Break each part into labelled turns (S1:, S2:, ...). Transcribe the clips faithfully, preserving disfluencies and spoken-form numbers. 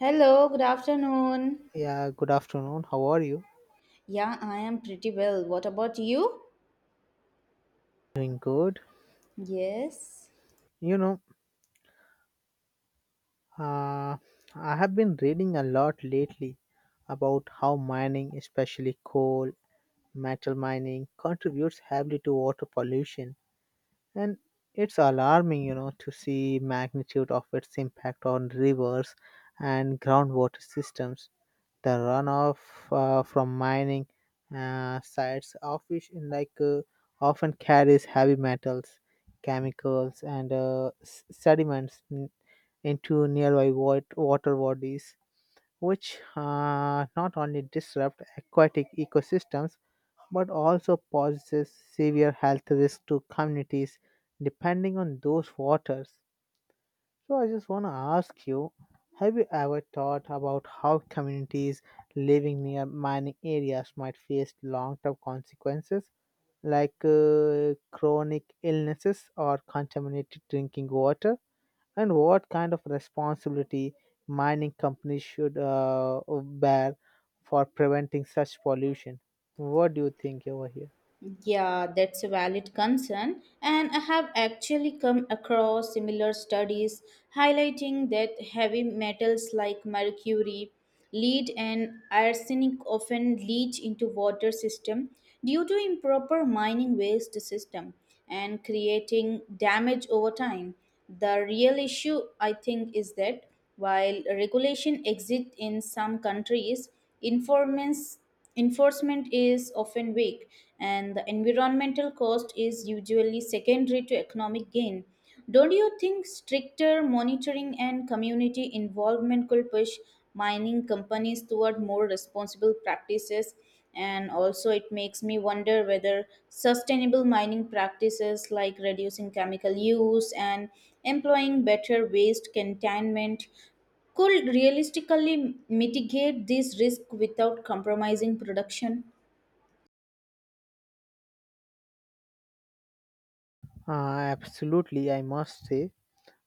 S1: Hello, good afternoon.
S2: Yeah, good afternoon. How are you?
S1: Yeah, I am pretty well. What about you?
S2: Doing good.
S1: Yes.
S2: You know, uh, I have been reading a lot lately about how mining, especially coal, metal mining, contributes heavily to water pollution. And it's alarming, you know, to see magnitude of its impact on rivers and groundwater systems. The runoff uh, from mining uh, sites of which in like uh, often carries heavy metals, chemicals and uh, s- sediments n- into nearby wat- water bodies, which uh, not only disrupt aquatic ecosystems but also poses severe health risks to communities depending on those waters. So I just want to ask you, have you ever thought about how communities living near mining areas might face long-term consequences like uh, chronic illnesses or contaminated drinking water, and what kind of responsibility mining companies should uh, bear for preventing such pollution? What do you think over here?
S1: Yeah, that's a valid concern. And I have actually come across similar studies highlighting that heavy metals like mercury, lead, and arsenic often leach into water system due to improper mining waste system and creating damage over time. The real issue, I think, is that while regulation exists in some countries, enforcements- enforcement is often weak, and the environmental cost is usually secondary to economic gain. Don't you think stricter monitoring and community involvement could push mining companies toward more responsible practices? And also, it makes me wonder whether sustainable mining practices like reducing chemical use and employing better waste containment could realistically mitigate this risk without compromising production.
S2: Uh, absolutely, I must say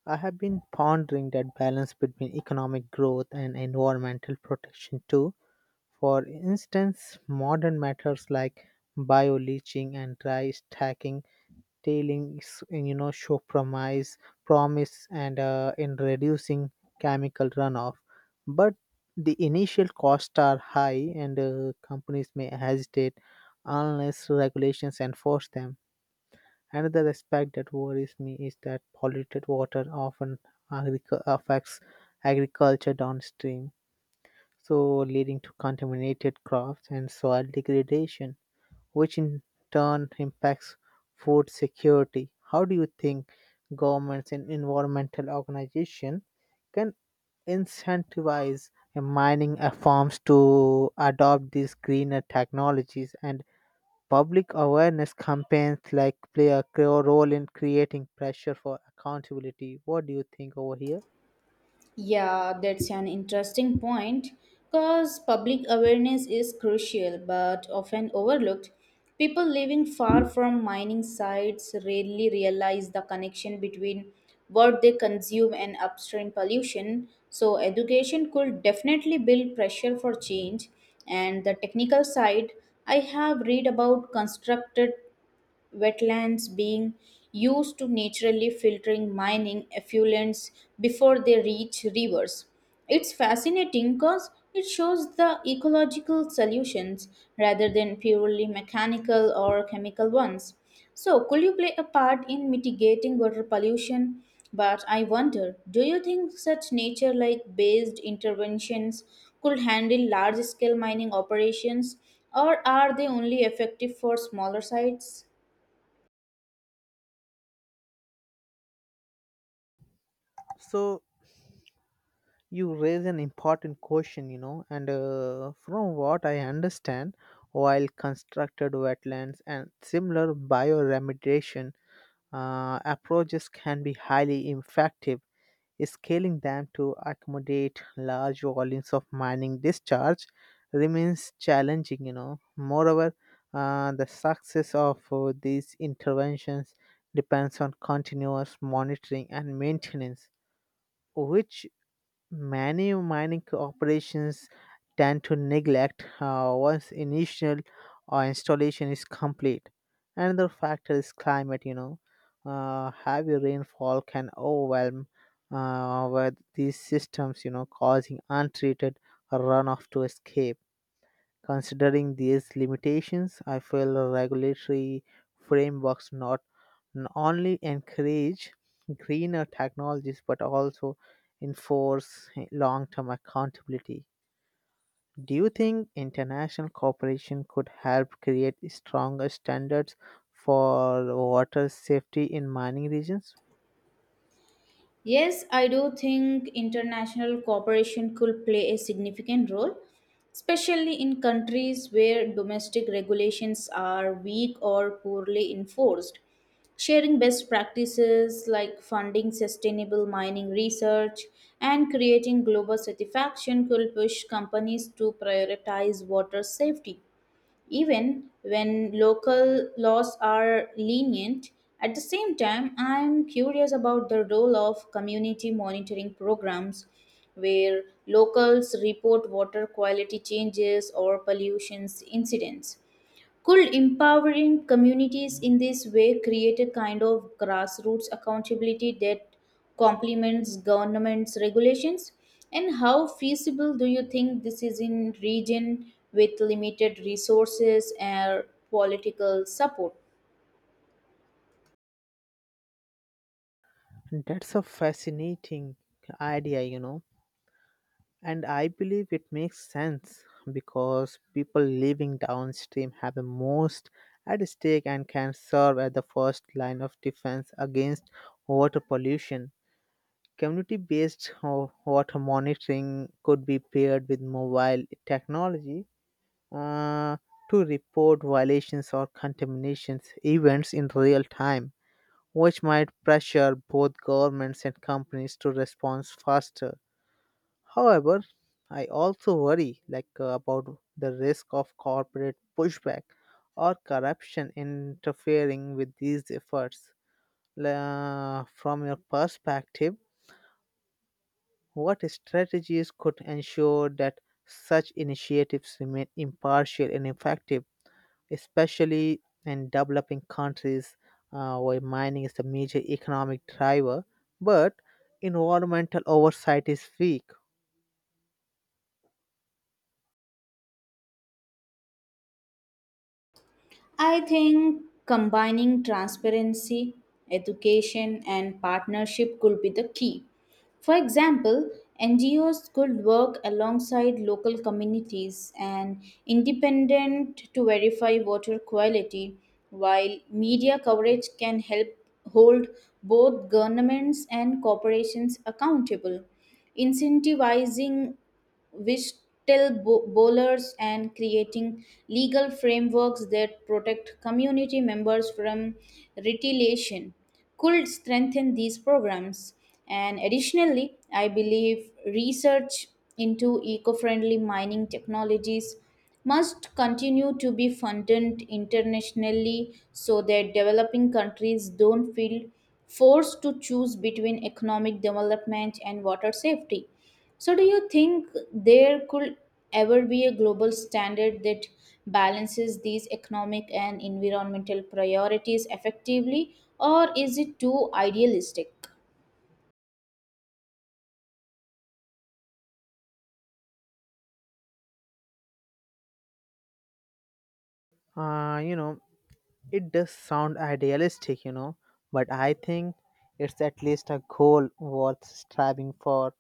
S2: I have been pondering that balance between economic growth and environmental protection too. For instance, modern methods like bioleaching and dry stacking tailings, you know, show promise, promise, and uh, in reducing chemical runoff, but the initial costs are high, and uh, companies may hesitate unless regulations enforce them. Another aspect that worries me is that polluted water often agric- affects agriculture downstream, so leading to contaminated crops and soil degradation, which in turn impacts food security. How do you think governments and environmental organizations can incentivize mining uh, farms to adopt these greener technologies? And public awareness campaigns like play a cre- role in creating pressure for accountability. What do you think over here?
S1: Yeah, that's an interesting point because public awareness is crucial but often overlooked. People living far from mining sites rarely realize the connection between what they consume and upstream pollution. So, education could definitely build pressure for change. And the technical side, I have read about constructed wetlands being used to naturally filtering mining effluents before they reach rivers. It's fascinating because it shows the ecological solutions rather than purely mechanical or chemical ones. So, could you play a part in mitigating water pollution? But I wonder, do you think such nature like based interventions could handle large scale mining operations, or are they only effective for smaller sites?
S2: So you raise an important question, you know, and uh, from what I understand, while constructed wetlands and similar bioremediation uh, approaches can be highly effective, scaling them to accommodate large volumes of mining discharge remains challenging, you know. Moreover, uh, the success of uh, these interventions depends on continuous monitoring and maintenance, which many mining operations tend to neglect uh, once initial uh, installation is complete. Another factor is climate, you know. Uh, heavy rainfall can overwhelm uh, with these systems, you know, causing untreated runoff to escape. Considering these limitations, I feel regulatory frameworks not n- only encourage greener technologies but also enforce long term accountability. Do you think international cooperation could help create stronger standards for water safety in mining regions?
S1: Yes, I do think international cooperation could play a significant role, especially in countries where domestic regulations are weak or poorly enforced. Sharing best practices like funding sustainable mining research and creating global satisfaction could push companies to prioritize water safety even when local laws are lenient. At the same time, I'm curious about the role of community monitoring programs where locals report water quality changes or pollution incidents. Could empowering communities in this way create a kind of grassroots accountability that complements government's regulations? And how feasible do you think this is in region with limited resources and political support?
S2: That's a fascinating idea, you know. And I believe it makes sense because people living downstream have the most at stake and can serve as the first line of defense against water pollution. Community based water monitoring could be paired with mobile technology uh, to report violations or contaminations events in real time, which might pressure both governments and companies to respond faster. However, I also worry like uh, about the risk of corporate pushback or corruption interfering with these efforts. La- from your perspective, what strategies could ensure that such initiatives remain impartial and effective, especially in developing countries uh, where mining is the major economic driver, but environmental oversight is weak?
S1: I think combining transparency, education, and partnership could be the key. For example, N G Os could work alongside local communities and independent to verify water quality, while media coverage can help hold both governments and corporations accountable. Incentivizing which bo- bowlers and creating legal frameworks that protect community members from retaliation could strengthen these programs. And additionally, I believe research into eco friendly mining technologies must continue to be funded internationally so that developing countries don't feel forced to choose between economic development and water safety. So, do you think there could ever be a global standard that balances these economic and environmental priorities effectively, or is it too idealistic?
S2: Uh, you know, It does sound idealistic, you know, but I think it's at least a goal worth striving for.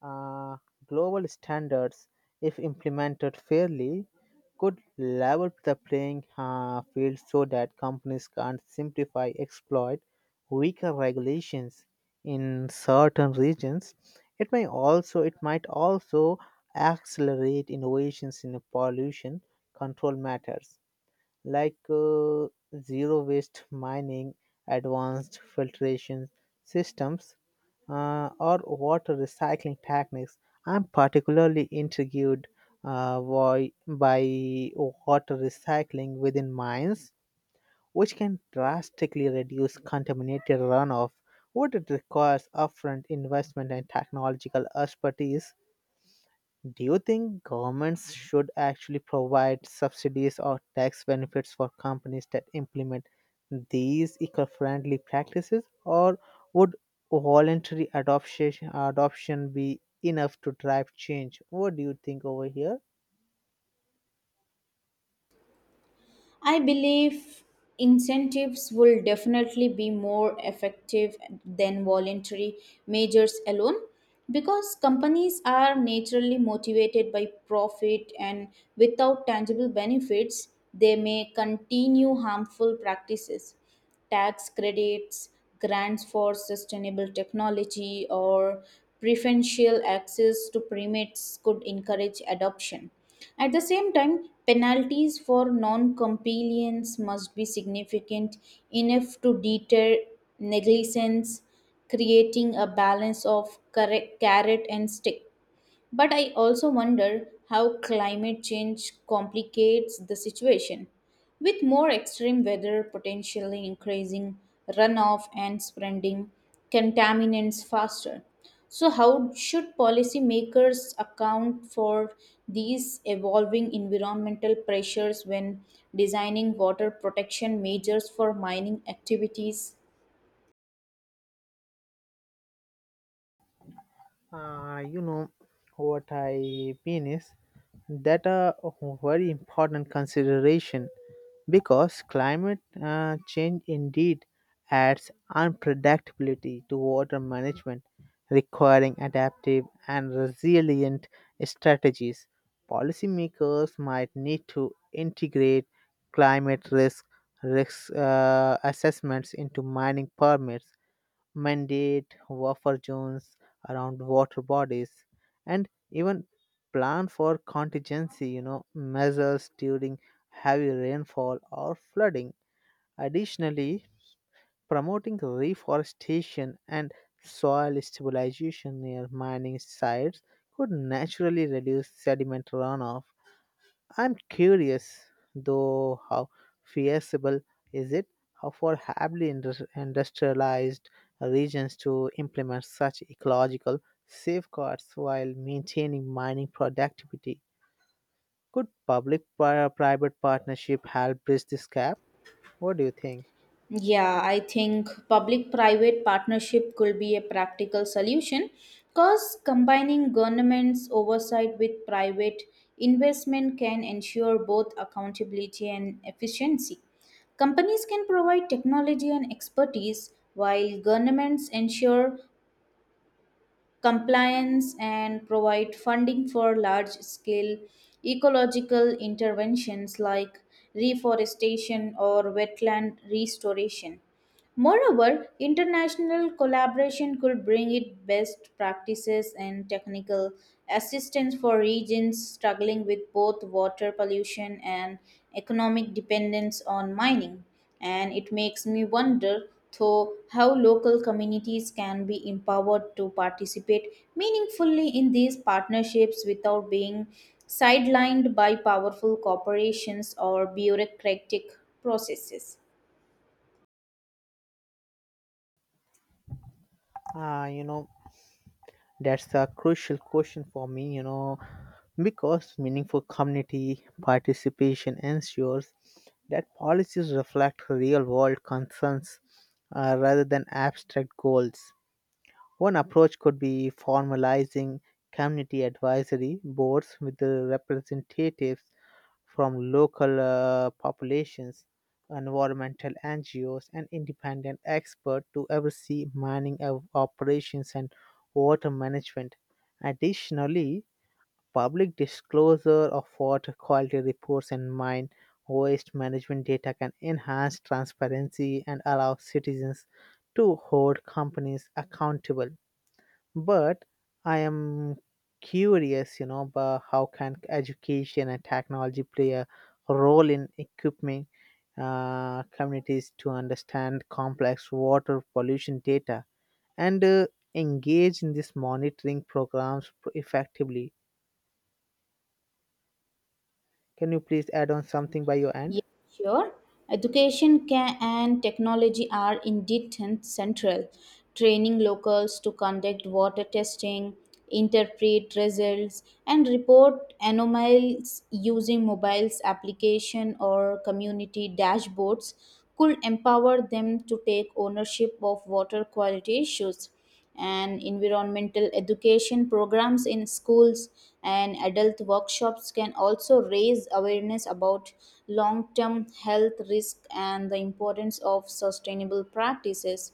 S2: Uh, Global standards, if implemented fairly, could level the playing uh, field so that companies can't simplify exploit weaker regulations in certain regions. It may also it might also accelerate innovations in pollution control matters like uh, zero waste mining, advanced filtration systems, uh, or water recycling techniques. I'm particularly intrigued uh, why, by water recycling within mines, which can drastically reduce contaminated runoff. What it requires upfront investment and technological expertise, do you think governments should actually provide subsidies or tax benefits for companies that implement these eco-friendly practices, or would voluntary adoption adoption be enough to drive change? What do you think over here?
S1: I believe incentives will definitely be more effective than voluntary measures alone, because companies are naturally motivated by profit and without tangible benefits they may continue harmful practices. Tax credits, grants for sustainable technology, or preferential access to permits could encourage adoption. At the same time, penalties for non compliance must be significant enough to deter negligence, creating a balance of correct- carrot and stick. But I also wonder how climate change complicates the situation, with more extreme weather potentially increasing runoff and spreading contaminants faster. So, how should policymakers account for these evolving environmental pressures when designing water protection measures for mining activities?
S2: Uh, you know what I mean is that a very important consideration, because climate uh, change indeed adds unpredictability to water management, requiring adaptive and resilient strategies. Policymakers might need to integrate climate risk risk uh, assessments into mining permits, mandate buffer zones around water bodies, and even plan for contingency, you know, measures during heavy rainfall or flooding. Additionally, promoting reforestation and soil stabilization near mining sites could naturally reduce sediment runoff. I'm curious, though, how feasible is it how for heavily indus- industrialized regions to implement such ecological safeguards while maintaining mining productivity? Could public pri- private partnership help bridge this gap? What do you think?
S1: Yeah, I think public private partnership could be a practical solution because combining government's oversight with private investment can ensure both accountability and efficiency. Companies can provide technology and expertise while governments ensure compliance and provide funding for large scale ecological interventions like reforestation or wetland restoration. Moreover, international collaboration could bring it best practices and technical assistance for regions struggling with both water pollution and economic dependence on mining. And it makes me wonder, though, how local communities can be empowered to participate meaningfully in these partnerships without being sidelined by powerful corporations or bureaucratic processes.
S2: Uh, you know, That's a crucial question for me, you know, because meaningful community participation ensures that policies reflect real world concerns uh, rather than abstract goals. One approach could be formalizing community advisory boards with the representatives from local uh, populations, environmental N G Os, and independent experts to oversee mining of operations and water management. Additionally, public disclosure of water quality reports and mine waste management data can enhance transparency and allow citizens to hold companies accountable. But I am curious, you know, about how can education and technology play a role in equipping uh, communities to understand complex water pollution data and uh, engage in these monitoring programs effectively? Can you please add on something by your end?
S1: Yes, sure. Education can, and technology are indeed ten- central. Training locals to conduct water testing, interpret results, and report anomalies using mobiles application or community dashboards could empower them to take ownership of water quality issues. And environmental education programs in schools and adult workshops can also raise awareness about long term health risk and the importance of sustainable practices.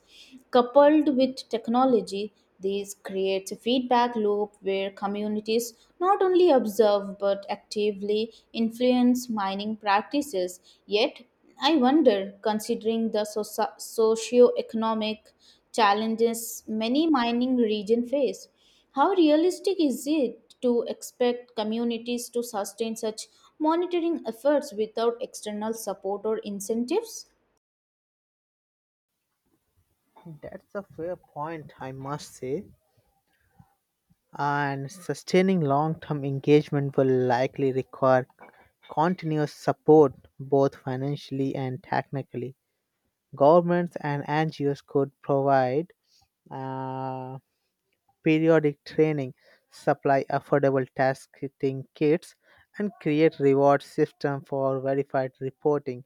S1: Coupled with technology, this creates a feedback loop where communities not only observe but actively influence mining practices. Yet, I wonder, considering the soci- socio-economic challenges many mining regions face, how realistic is it to expect communities to sustain such monitoring efforts without external support or incentives?
S2: That's a fair point, I must say. And sustaining long term engagement will likely require continuous support, both financially and technically. Governments and N G Os could provide uh, periodic training, supply affordable testing kits, and create reward system for verified reporting.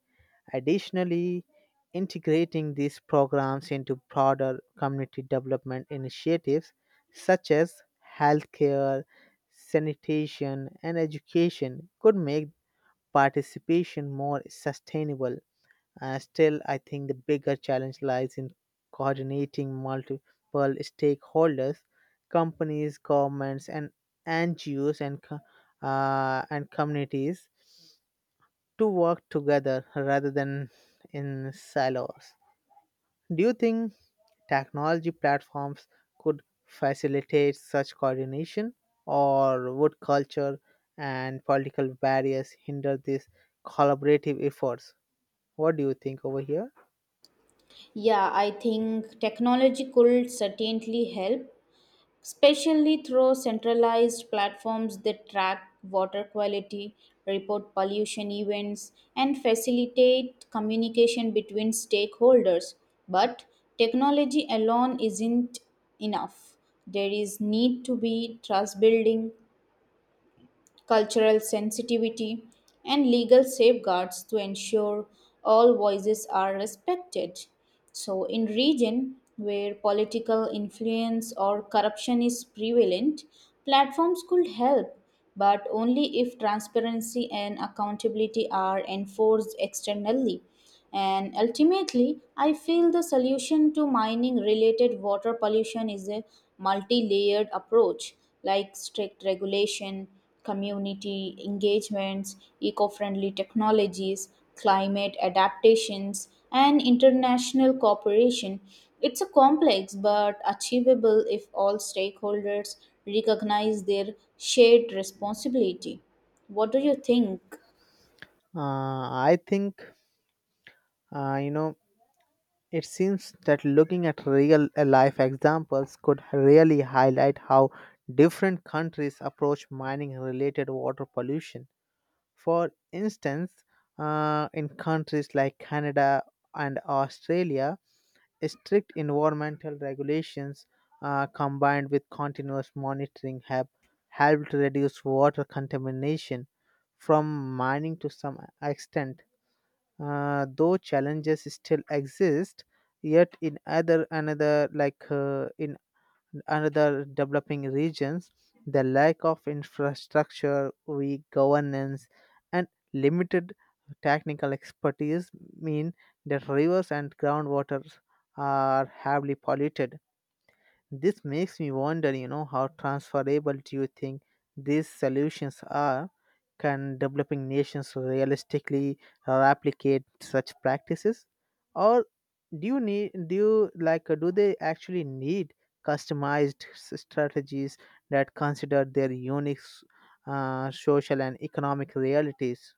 S2: Additionally, integrating these programs into broader community development initiatives such as healthcare, sanitation, and education could make participation more sustainable. Uh, still, I think the bigger challenge lies in coordinating multiple stakeholders, companies, governments, and N G Os and co- uh, and communities to work together rather than in silos. Do you think technology platforms could facilitate such coordination, or would culture and political barriers hinder these collaborative efforts? What do you think over here?
S1: Yeah, I think technology could certainly help, especially through centralized platforms that track water quality, report pollution events, and facilitate communication between stakeholders. But technology alone isn't enough. There is need to be trust building, cultural sensitivity, and legal safeguards to ensure all voices are respected. So, in region where political influence or corruption is prevalent, platforms could help, but only if transparency and accountability are enforced externally. And ultimately, I feel the solution to mining related water pollution is a multi layered approach like strict regulation, community engagements, eco friendly technologies, climate adaptations, and international cooperation. It's a complex but achievable if all stakeholders recognize their shared responsibility. What do you think?
S2: Uh, I think uh, you know it seems that looking at real uh, life examples could really highlight how different countries approach mining related water pollution. For instance, uh, in countries like Canada and Australia, strict environmental regulations uh, combined with continuous monitoring have helped reduce water contamination from mining to some extent. Uh, though challenges still exist, yet in other another like uh, in another developing regions, the lack of infrastructure, weak governance, and limited technical expertise mean that rivers and groundwater are heavily polluted. This makes me wonder, you know, how transferable do you think these solutions are. Can developing nations realistically uh, replicate such practices, or do you need do you like uh, do they actually need customized s- strategies that consider their unique s- uh, social and economic realities?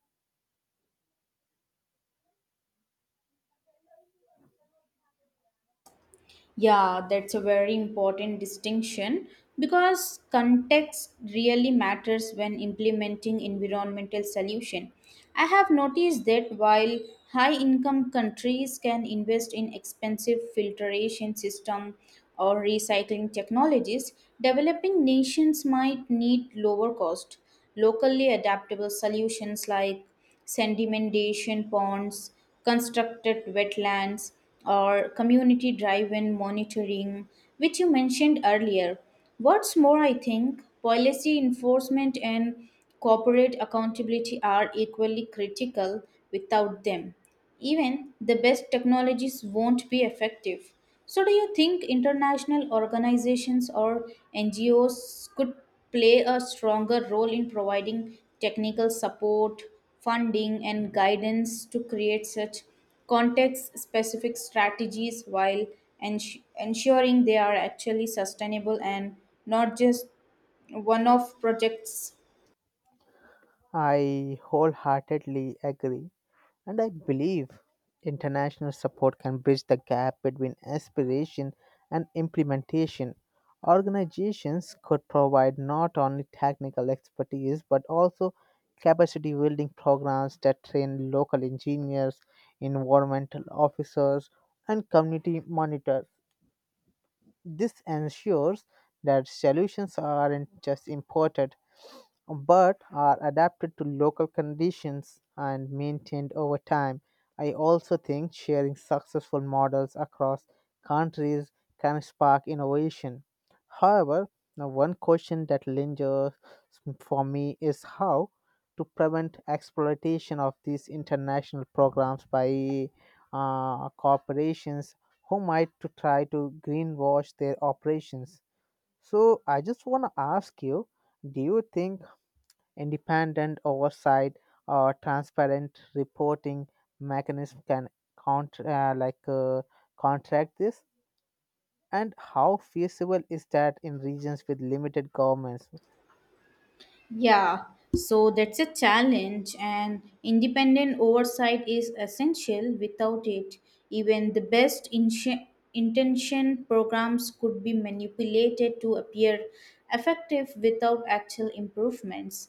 S1: Yeah, that's a very important distinction because context really matters when implementing environmental solution. I have noticed that while high income countries can invest in expensive filtration system or recycling technologies, developing nations might need lower cost, locally adaptable solutions like sedimentation ponds, constructed wetlands, or community drive in monitoring, which you mentioned earlier. What's more, I think policy enforcement and corporate accountability are equally critical. Without them, even the best technologies won't be effective. So, do you think international organizations or N G Os could play a stronger role in providing technical support, funding, and guidance to create such context specific strategies while ens- ensuring they are actually sustainable and not just one off projects?
S2: I wholeheartedly agree. And I believe international support can bridge the gap between aspiration and implementation. Organizations could provide not only technical expertise but also capacity building programs that train local engineers, environmental officers, and community monitors. This ensures that solutions aren't just imported, but are adapted to local conditions and maintained over time. I also think sharing successful models across countries can spark innovation. However, now one question that lingers for me is how to prevent exploitation of these international programs by uh, corporations who might to try to greenwash their operations. So I just want to ask you, do you think independent oversight or transparent reporting mechanism can counter uh, like uh, contract this? And how feasible is that in regions with limited governments?
S1: Yeah, so that's a challenge, and independent oversight is essential. Without it, even the best inti- intention programs could be manipulated to appear effective without actual improvements.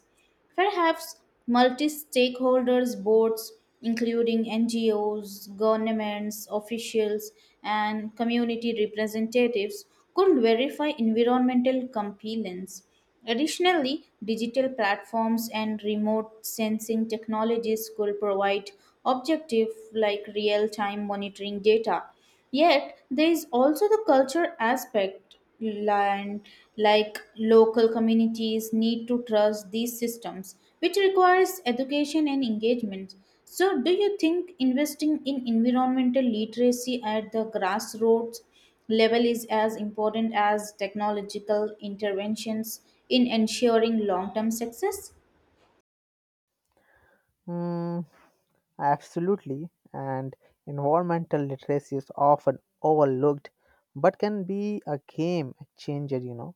S1: Perhaps multi stakeholders boards, including N G Os, governments, officials, and community representatives, could verify environmental compliance. Additionally, digital platforms and remote sensing technologies could provide objective, like real time monitoring data. Yet, there is also the culture aspect, and like local communities need to trust these systems, which requires education and engagement. So, do you think investing in environmental literacy at the grassroots level is as important as technological interventions in ensuring long term success?
S2: Hmm, absolutely. And environmental literacy is often overlooked, but can be a game changer, you know.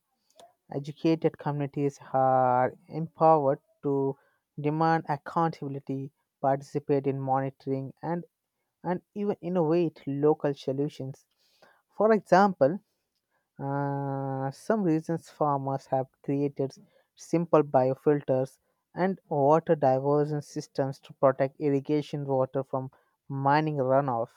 S2: Educated communities are empowered to demand accountability, participate in monitoring, and, and even innovate local solutions. For example, uh, some regions farmers have created simple biofilters and water diversion systems to protect irrigation water from mining runoff.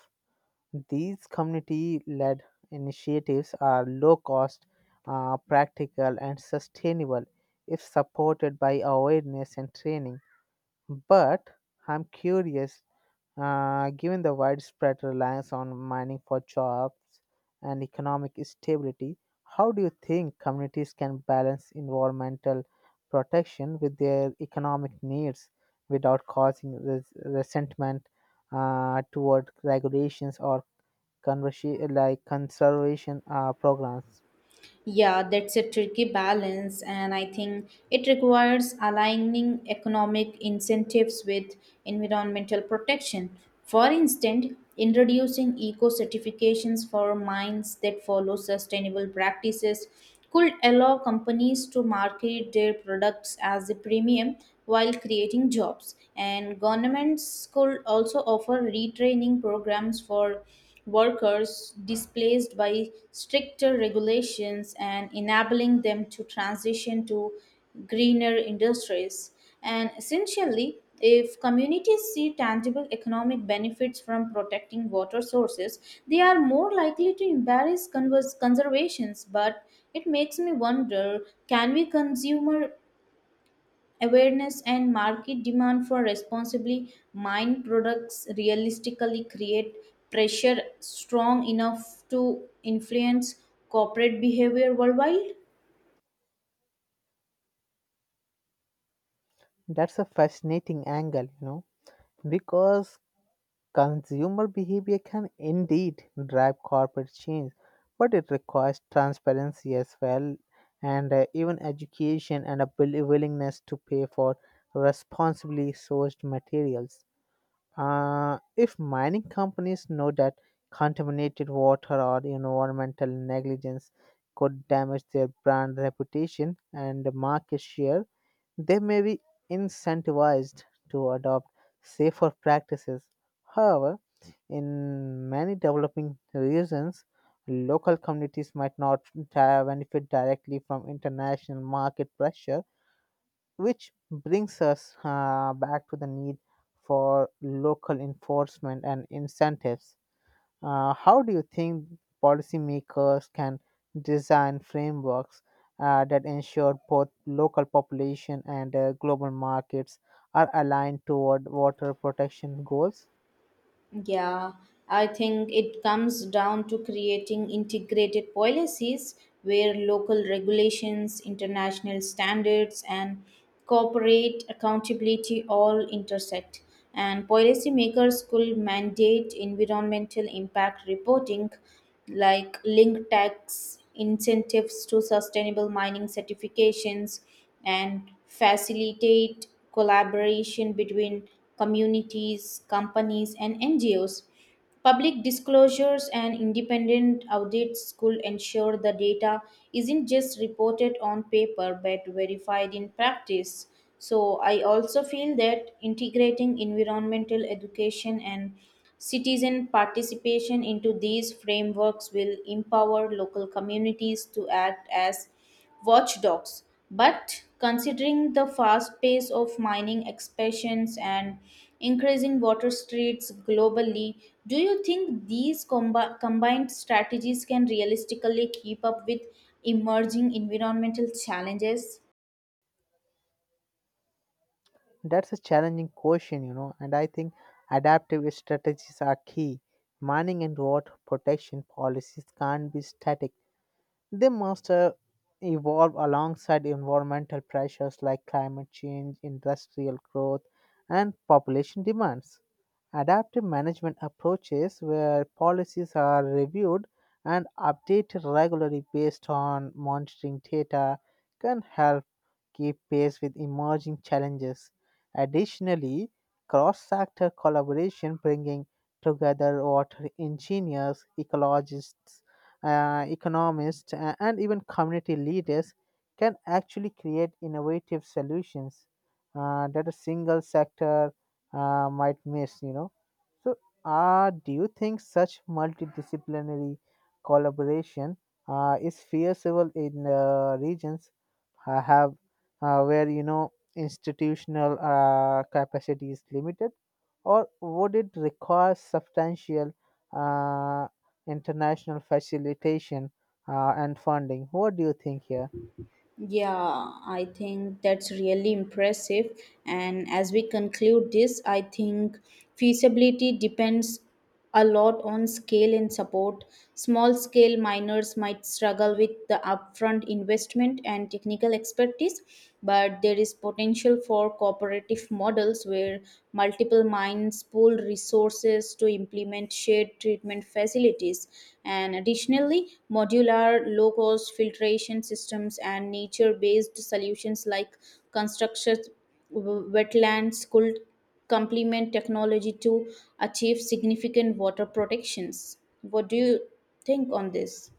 S2: These community led initiatives are low cost, uh, practical, and sustainable if supported by awareness and training. But I'm curious, uh, given the widespread reliance on mining for jobs and economic stability, how do you think communities can balance environmental protection with their economic needs without causing res- resentment uh, toward regulations or conversi- like conservation uh, programs.
S1: Yeah, that's a tricky balance, and I think it requires aligning economic incentives with environmental protection. For instance, introducing eco certifications for mines that follow sustainable practices could allow companies to market their products as a premium while creating jobs. And governments could also offer retraining programs for workers displaced by stricter regulations and enabling them to transition to greener industries. And essentially, if communities see tangible economic benefits from protecting water sources, they are more likely to embrace convers- conservations. But it makes me wonder, can we consumer awareness and market demand for responsibly mined products realistically create pressure strong enough to influence corporate behavior worldwide?
S2: That's a fascinating angle, you know, because consumer behavior can indeed drive corporate change, but it requires transparency as well, and uh, even education and a will- willingness to pay for responsibly sourced materials. Uh, if mining companies know that contaminated water or environmental negligence could damage their brand reputation and market share, they may be incentivized to adopt safer practices. However, in many developing regions, local communities might not di- benefit directly from international market pressure, which brings us uh, back to the need for local enforcement and incentives. Uh, how do you think policymakers can design frameworks uh, that ensure both local population and uh, global markets are aligned toward water protection goals?
S1: Yeah, I think it comes down to creating integrated policies where local regulations, international standards, and corporate accountability all intersect. And policymakers could mandate environmental impact reporting, like link tax incentives to sustainable mining certifications and facilitate collaboration between communities, companies, and N G Os. Public disclosures and independent audits could ensure the data isn't just reported on paper but verified in practice. So, I also feel that integrating environmental education and citizen participation into these frameworks will empower local communities to act as watchdogs. But considering the fast pace of mining expansions and increasing water streets globally, do you think these combi- combined strategies can realistically keep up with emerging environmental challenges?
S2: That's a challenging question, you know, and I think adaptive strategies are key. Mining and water protection policies can't be static. They must uh, evolve alongside environmental pressures like climate change, industrial growth, and population demands. Adaptive management approaches where policies are reviewed and updated regularly based on monitoring data can help keep pace with emerging challenges. Additionally, cross-sector collaboration bringing together water engineers, ecologists, uh, economists, a- and even community leaders can actually create innovative solutions uh, that a single sector uh, might miss, you know. So, uh, do you think such multidisciplinary collaboration uh, is feasible in uh, regions uh, have uh, where, you know, institutional uh, capacity is limited, or would it require substantial uh, international facilitation uh, and funding? What do you think here?
S1: Yeah, I think that's really impressive. And as we conclude this, I think feasibility depends a lot on scale and support. Small scale miners might struggle with the upfront investment and technical expertise, but there is potential for cooperative models where multiple mines pool resources to implement shared treatment facilities. And additionally, modular low cost filtration systems and nature based solutions like construction w- wetlands could complement technology to achieve significant water protections. What do you think on this?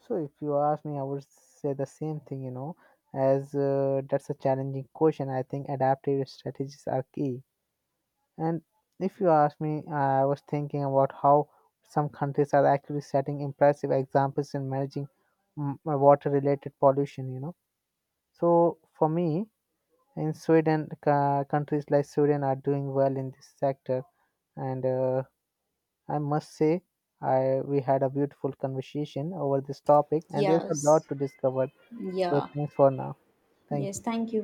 S2: So, if you ask me, I would say the same thing. You know, as uh, that's a challenging question. I think adaptive strategies are key. And if you ask me, I was thinking about how some countries are actually setting impressive examples in managing water related pollution, you know. So for me, in Sweden, ca- countries like Sweden are doing well in this sector, and uh, I must say, I we had a beautiful conversation over this topic, and there's a lot
S1: Yes.
S2: to discover. So
S1: Yeah.
S2: thanks for now. Thank you.
S1: Yes, thank you.